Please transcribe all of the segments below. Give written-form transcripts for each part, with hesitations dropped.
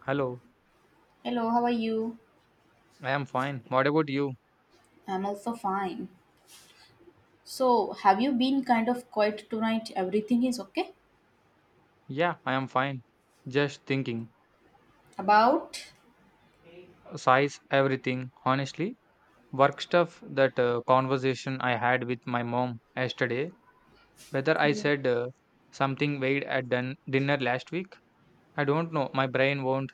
Hello, Hello, how are you? I am fine. What about you? I'm also fine. So, have you been kind of quiet tonight? Everything is okay? Yeah, I am fine. Just thinking. About? Size, everything. Honestly, work stuff, that conversation I had with my mom yesterday, whether I Yeah. said something weird at dinner last week, I don't know. My brain won't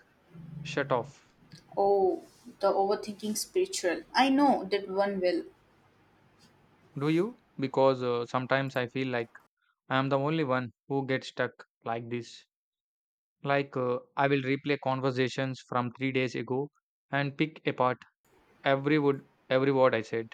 shut off. Oh, the overthinking spiritual. I know that one will. Do you? Because sometimes I feel like I am the only one who gets stuck like this. Like I will replay conversations from 3 days ago and pick apart every word I said.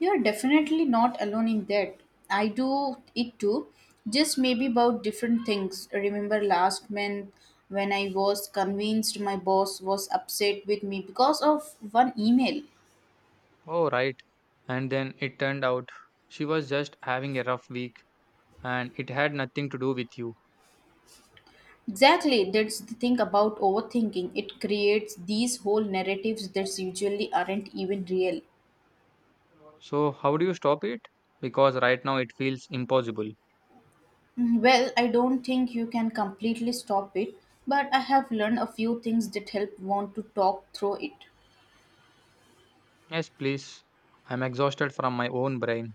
You're definitely not alone in that. I do it too. Just maybe about different things. Remember last month when I was convinced my boss was upset with me because of one email? Oh, right. And then it turned out she was just having a rough week and it had nothing to do with you. Exactly, that's the thing about overthinking. It creates these whole narratives that usually aren't even real. So, how do you stop it? Because right now it feels impossible. Well, I don't think you can completely stop it, but I have learned a few things that help want to talk through it. Yes, please. I'm exhausted from my own brain.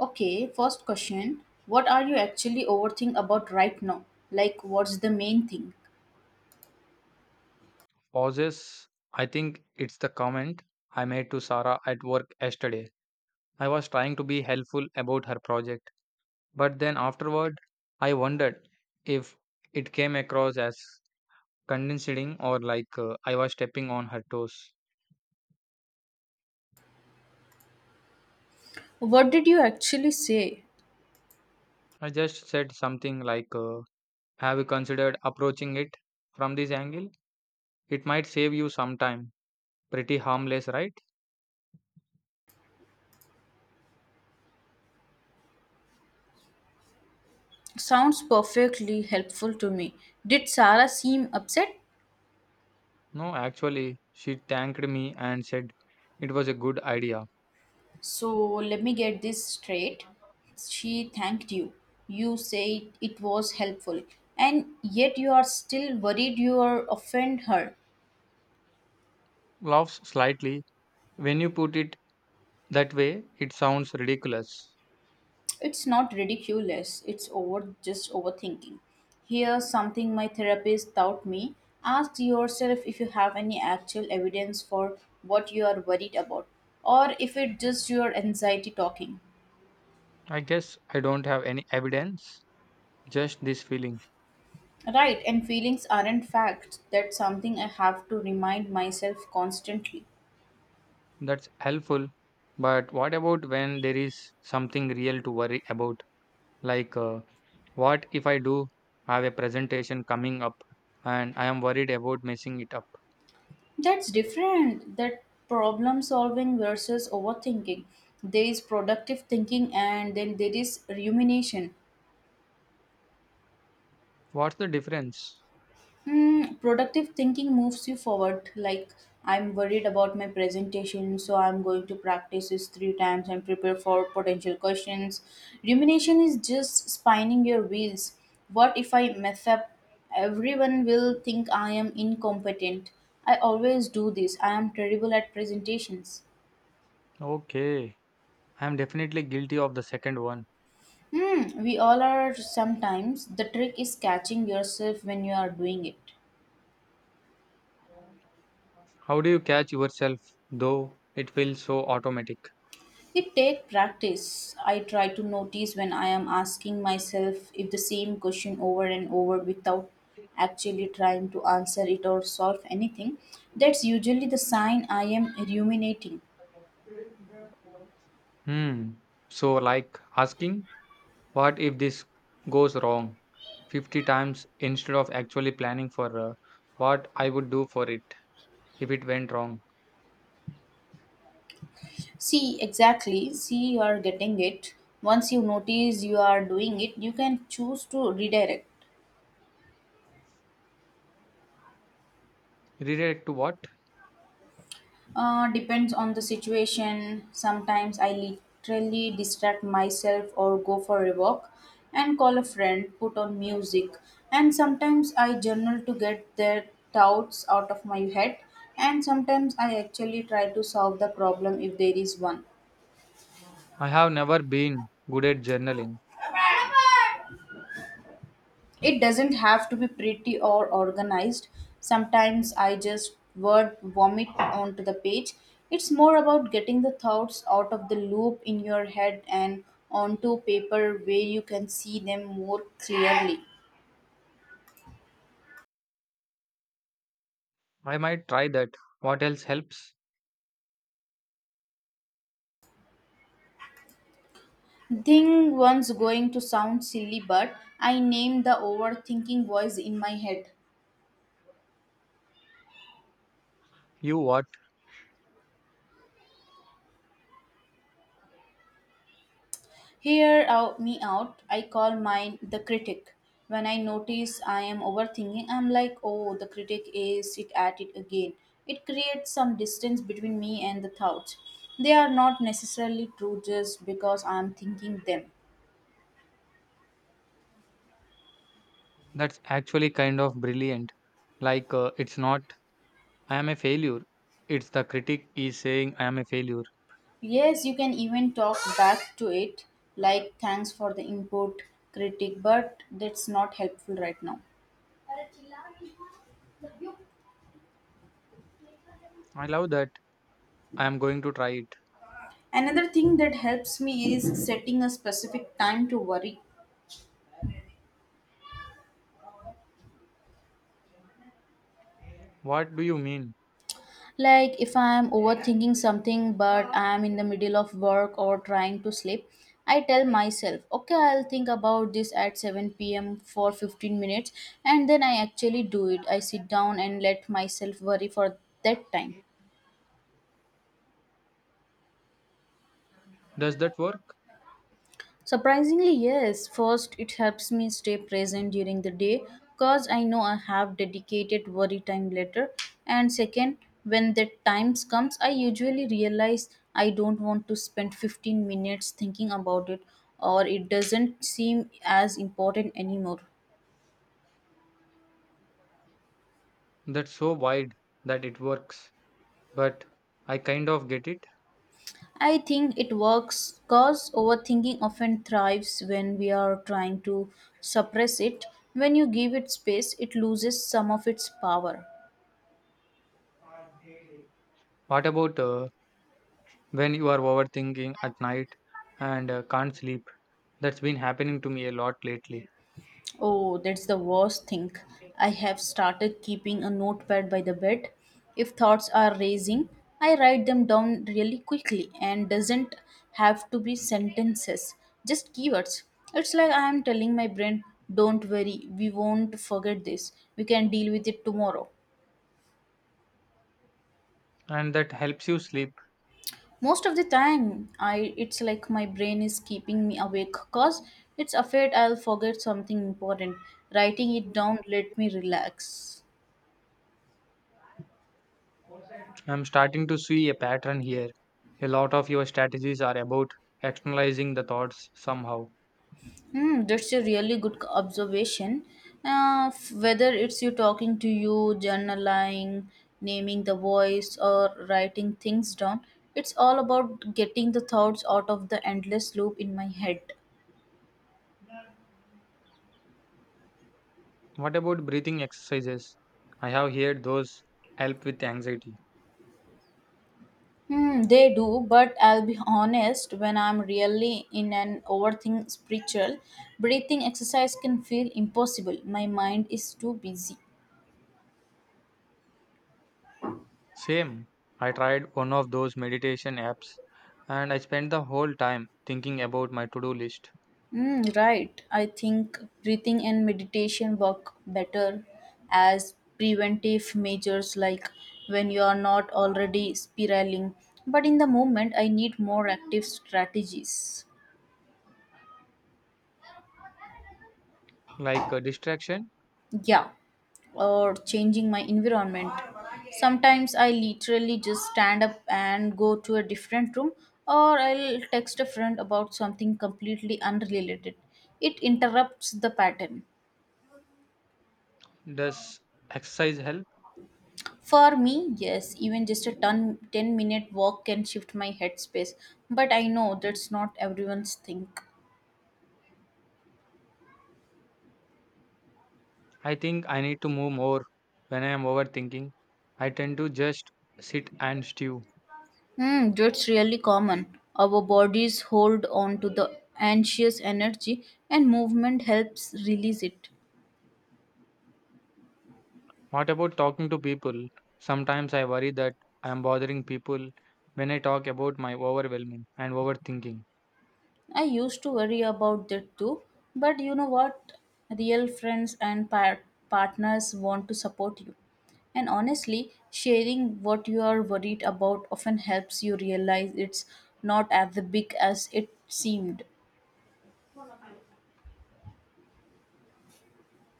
Okay, first question. What are you actually overthinking about right now? Like, what's the main thing? Pauses. I think it's the comment I made to Sarah at work yesterday. I was trying to be helpful about her project, but then afterward, I wondered if it came across as condescending or like I was stepping on her toes. What did you actually say? I just said something like, have you considered approaching it from this angle? It might save you some time. Pretty harmless, right? Sounds perfectly helpful to me. Did Sarah seem upset? No, actually, she thanked me and said it was a good idea. So let me get this straight. She thanked you. You said it was helpful. And yet you are still worried you are offend her. Laughs slightly. When you put it that way, it sounds ridiculous. It's not ridiculous. It's over just overthinking. Here's something my therapist taught me. Ask yourself if you have any actual evidence for what you are worried about or if it's just your anxiety talking. I guess I don't have any evidence, just this feeling. Right, and feelings aren't facts. That's something I have to remind myself constantly. That's helpful. But what about when there is something real to worry about? Like, what if I do have a presentation coming up and I am worried about messing it up? That's different. That problem solving versus overthinking. There is productive thinking and then there is rumination. What's the difference? Productive thinking moves you forward. Like, I'm worried about my presentation, so I'm going to practice this three times and prepare for potential questions. Rumination is just spinning your wheels. What if I mess up? Everyone will think I am incompetent. I always do this. I am terrible at presentations. Okay, I am definitely guilty of the second one. We all are sometimes. The trick is catching yourself when you are doing it. How do you catch yourself though it feels so automatic? It takes practice. I try to notice when I am asking myself if the same question over and over without actually trying to answer it or solve anything. That's usually the sign I am ruminating. Hmm. So, like asking, what if this goes wrong 50 times instead of actually planning for what I would do for it if it went wrong? See, exactly. See, you are getting it. Once you notice you are doing it, you can choose to redirect. Related to what? Depends on the situation. Sometimes I literally distract myself or go for a walk and call a friend, put on music, and sometimes I journal to get their doubts out of my head. And sometimes I actually try to solve the problem if there is one. I have never been good at journaling. It doesn't have to be pretty or organized. Sometimes I just word vomit onto the page. It's more about getting the thoughts out of the loop in your head and onto paper where you can see them more clearly. I might try that. What else helps? Thing one's going to sound silly, but I name the overthinking voice in my head. You what? Hear out me out. I call mine the critic. When I notice I am overthinking, I'm like, oh, the critic is it at it again. It creates some distance between me and the thoughts. They are not necessarily true just because I'm thinking them. That's actually kind of brilliant. Like, it's not, I am a failure. It's the critic is saying I am a failure. Yes, you can even talk back to it, like thanks for the input, critic, but that's not helpful right now. I love that. I am going to try it. Another thing that helps me is setting a specific time to worry. What do you mean? Like if I'm overthinking something but I'm in the middle of work or trying to sleep, I tell myself, okay, I'll think about this at 7 p.m. for 15 minutes and then I actually do it. I sit down and let myself worry for that time. Does that work? Surprisingly, yes. First, it helps me stay present during the day because I know I have dedicated worry time later. And second, when that time comes, I usually realize I don't want to spend 15 minutes thinking about it or it doesn't seem as important anymore. That's so wide that it works. But I kind of get it. I think it works because overthinking often thrives when we are trying to suppress it. When you give it space, it loses some of its power. What about when you are overthinking at night and can't sleep? That's been happening to me a lot lately. Oh, that's the worst thing. I have started keeping a notepad by the bed. If thoughts are raising, I write them down really quickly and doesn't have to be sentences, just keywords. It's like I am telling my brain, don't worry, we won't forget this. We can deal with it tomorrow. And that helps you sleep. Most of the time, I it's like my brain is keeping me awake cause it's afraid I'll forget something important. Writing it down let me relax. I'm starting to see a pattern here. A lot of your strategies are about externalizing the thoughts somehow. That's a really good observation. Whether it's you talking to you, journaling, naming the voice, or writing things down, it's all about getting the thoughts out of the endless loop in my head. What about breathing exercises? I have heard those help with anxiety. They do, but I'll be honest, when I'm really in an overthink spiritual, breathing exercise can feel impossible. My mind is too busy. Same. I tried one of those meditation apps and I spent the whole time thinking about my to do list. Mm, right. I think breathing and meditation work better as preventive measures, like when you are not already spiraling. But in the moment, I need more active strategies. Like a distraction, Yeah, or changing my environment. Sometimes I literally just stand up and go to a different room, or I'll text a friend about something completely unrelated. It interrupts the pattern. does exercise help? For me, yes, even just a ton, 10-minute walk can shift my headspace, but I know that's not everyone's thing. I think I need to move more when I am overthinking. I tend to just sit and stew. That's really common. Our bodies hold on to the anxious energy, and movement helps release it. What about talking to people? Sometimes I worry that I am bothering people when I talk about my overwhelming and overthinking. I used to worry about that too, but you know what? Real friends and partners want to support you. And honestly, sharing what you are worried about often helps you realize it's not as big as it seemed.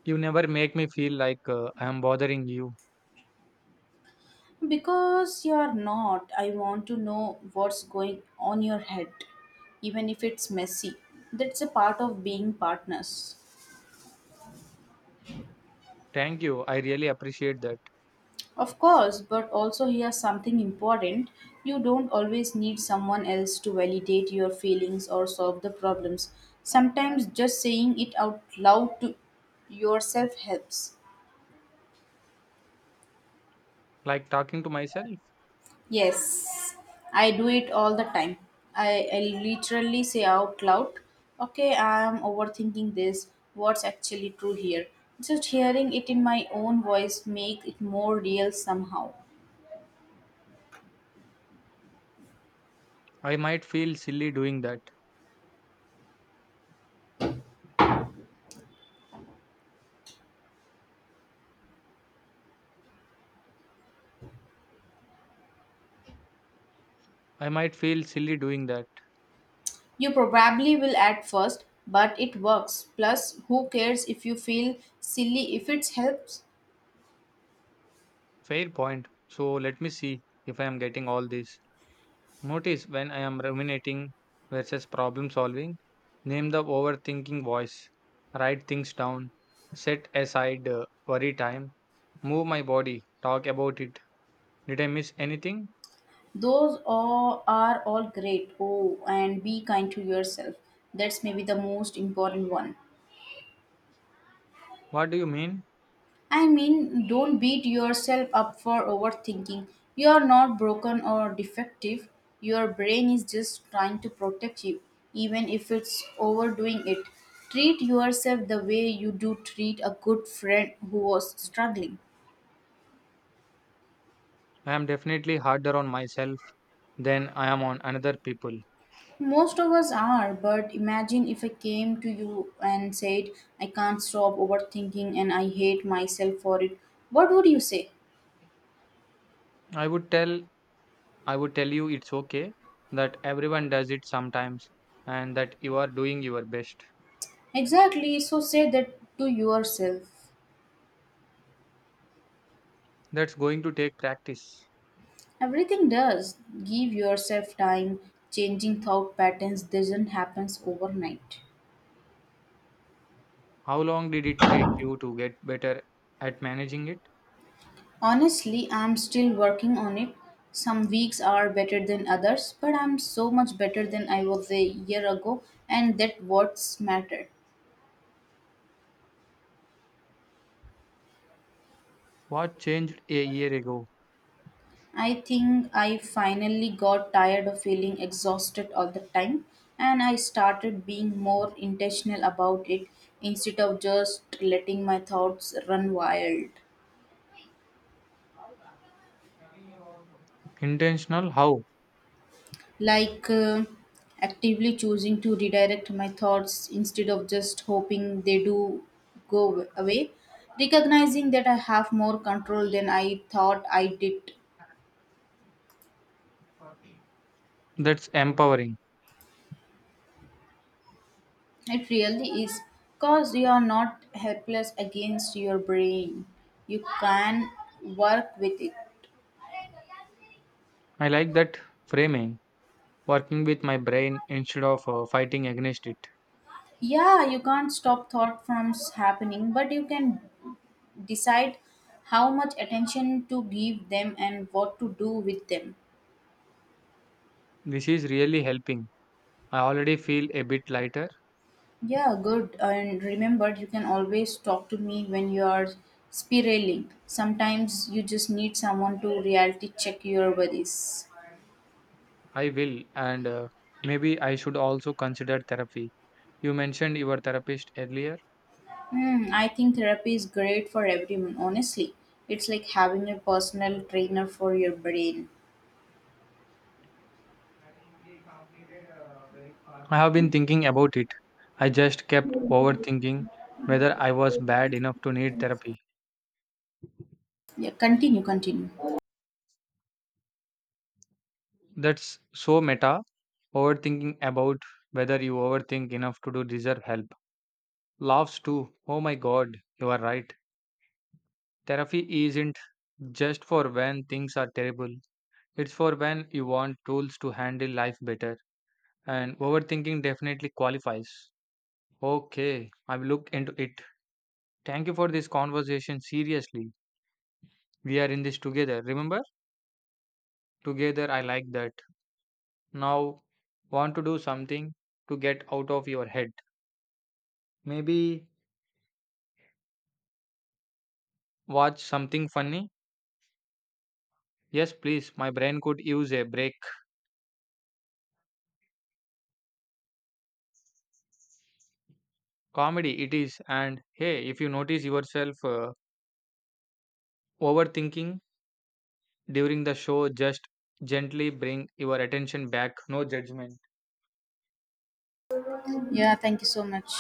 You never make me feel like I am bothering you. Because you're not, I want to know what's going on your head, even if it's messy. That's a part of being partners. Thank you. I really appreciate that. Of course, but also here's something important. You don't always need someone else to validate your feelings or solve the problems. Sometimes just saying it out loud to yourself helps. Like talking to myself, Yes, I do it all the time. I literally say out loud, okay, I'm overthinking this. What's actually true here? Just hearing it in my own voice make it more real somehow. I might feel silly doing that. I might feel silly doing that. You probably will at first, but it works. Plus, who cares if you feel silly if it helps? Fair point. So let me see if I am getting all this. Notice when I am ruminating versus problem solving. Name the overthinking voice. Write things down. Set aside worry time. Move my body. Talk about it. Did I miss anything? Those all are all great. Oh, and be kind to yourself. That's maybe the most important one. What do you mean? I mean, don't beat yourself up for overthinking. You are not broken or defective. Your brain is just trying to protect you, even if it's overdoing it. Treat yourself the way you do treat a good friend who was struggling. I am definitely harder on myself than I am on another people. Most of us are, but imagine if I came to you and said, I can't stop overthinking and I hate myself for it. What would you say? I would tell I would tell you it's okay that everyone does it sometimes and that you are doing your best. Exactly, so say that to yourself. That's going to take practice. Everything does. Give yourself time. Changing thought patterns doesn't happen overnight. How long did it take you to get better at managing it? Honestly, I'm still working on it. Some weeks are better than others, but I'm so much better than I was a year ago, and that what's matter. What changed a year ago? I think I finally got tired of feeling exhausted all the time and I started being more intentional about it instead of just letting my thoughts run wild. Intentional how? Like actively choosing to redirect my thoughts instead of just hoping they do go away. Recognizing that I have more control than I thought I did. That's empowering. It really is because you are not helpless against your brain. You can work with it. I like that framing, working with my brain instead of fighting against it. Yeah, you can't stop thought from happening, but you can decide how much attention to give them and what to do with them. This is really helping. I already feel a bit lighter. Yeah, good. And remember, you can always talk to me when you are spiraling. Sometimes you just need someone to reality check your worries. I will, and maybe I should also consider therapy. You mentioned your therapist earlier. I think therapy is great for everyone, honestly. It's like having a personal trainer for your brain. I have been thinking about it. I just kept overthinking whether I was bad enough to need therapy. Yeah, continue, continue. That's so meta. Overthinking about whether you overthink enough to do deserve help. Laughs too. Oh my god, you are right. Therapy isn't just for when things are terrible, it's for when you want tools to handle life better. And overthinking definitely qualifies. Okay, I will look into it. Thank you for this conversation. Seriously. We are in this together. Remember? Together, I like that. Now, want to do something to get out of your head. Maybe watch something funny? Yes, please. My brain could use a break. Comedy, it is. And hey, if you notice yourself overthinking during the show, just gently bring your attention back. No judgment. Yeah, thank you so much.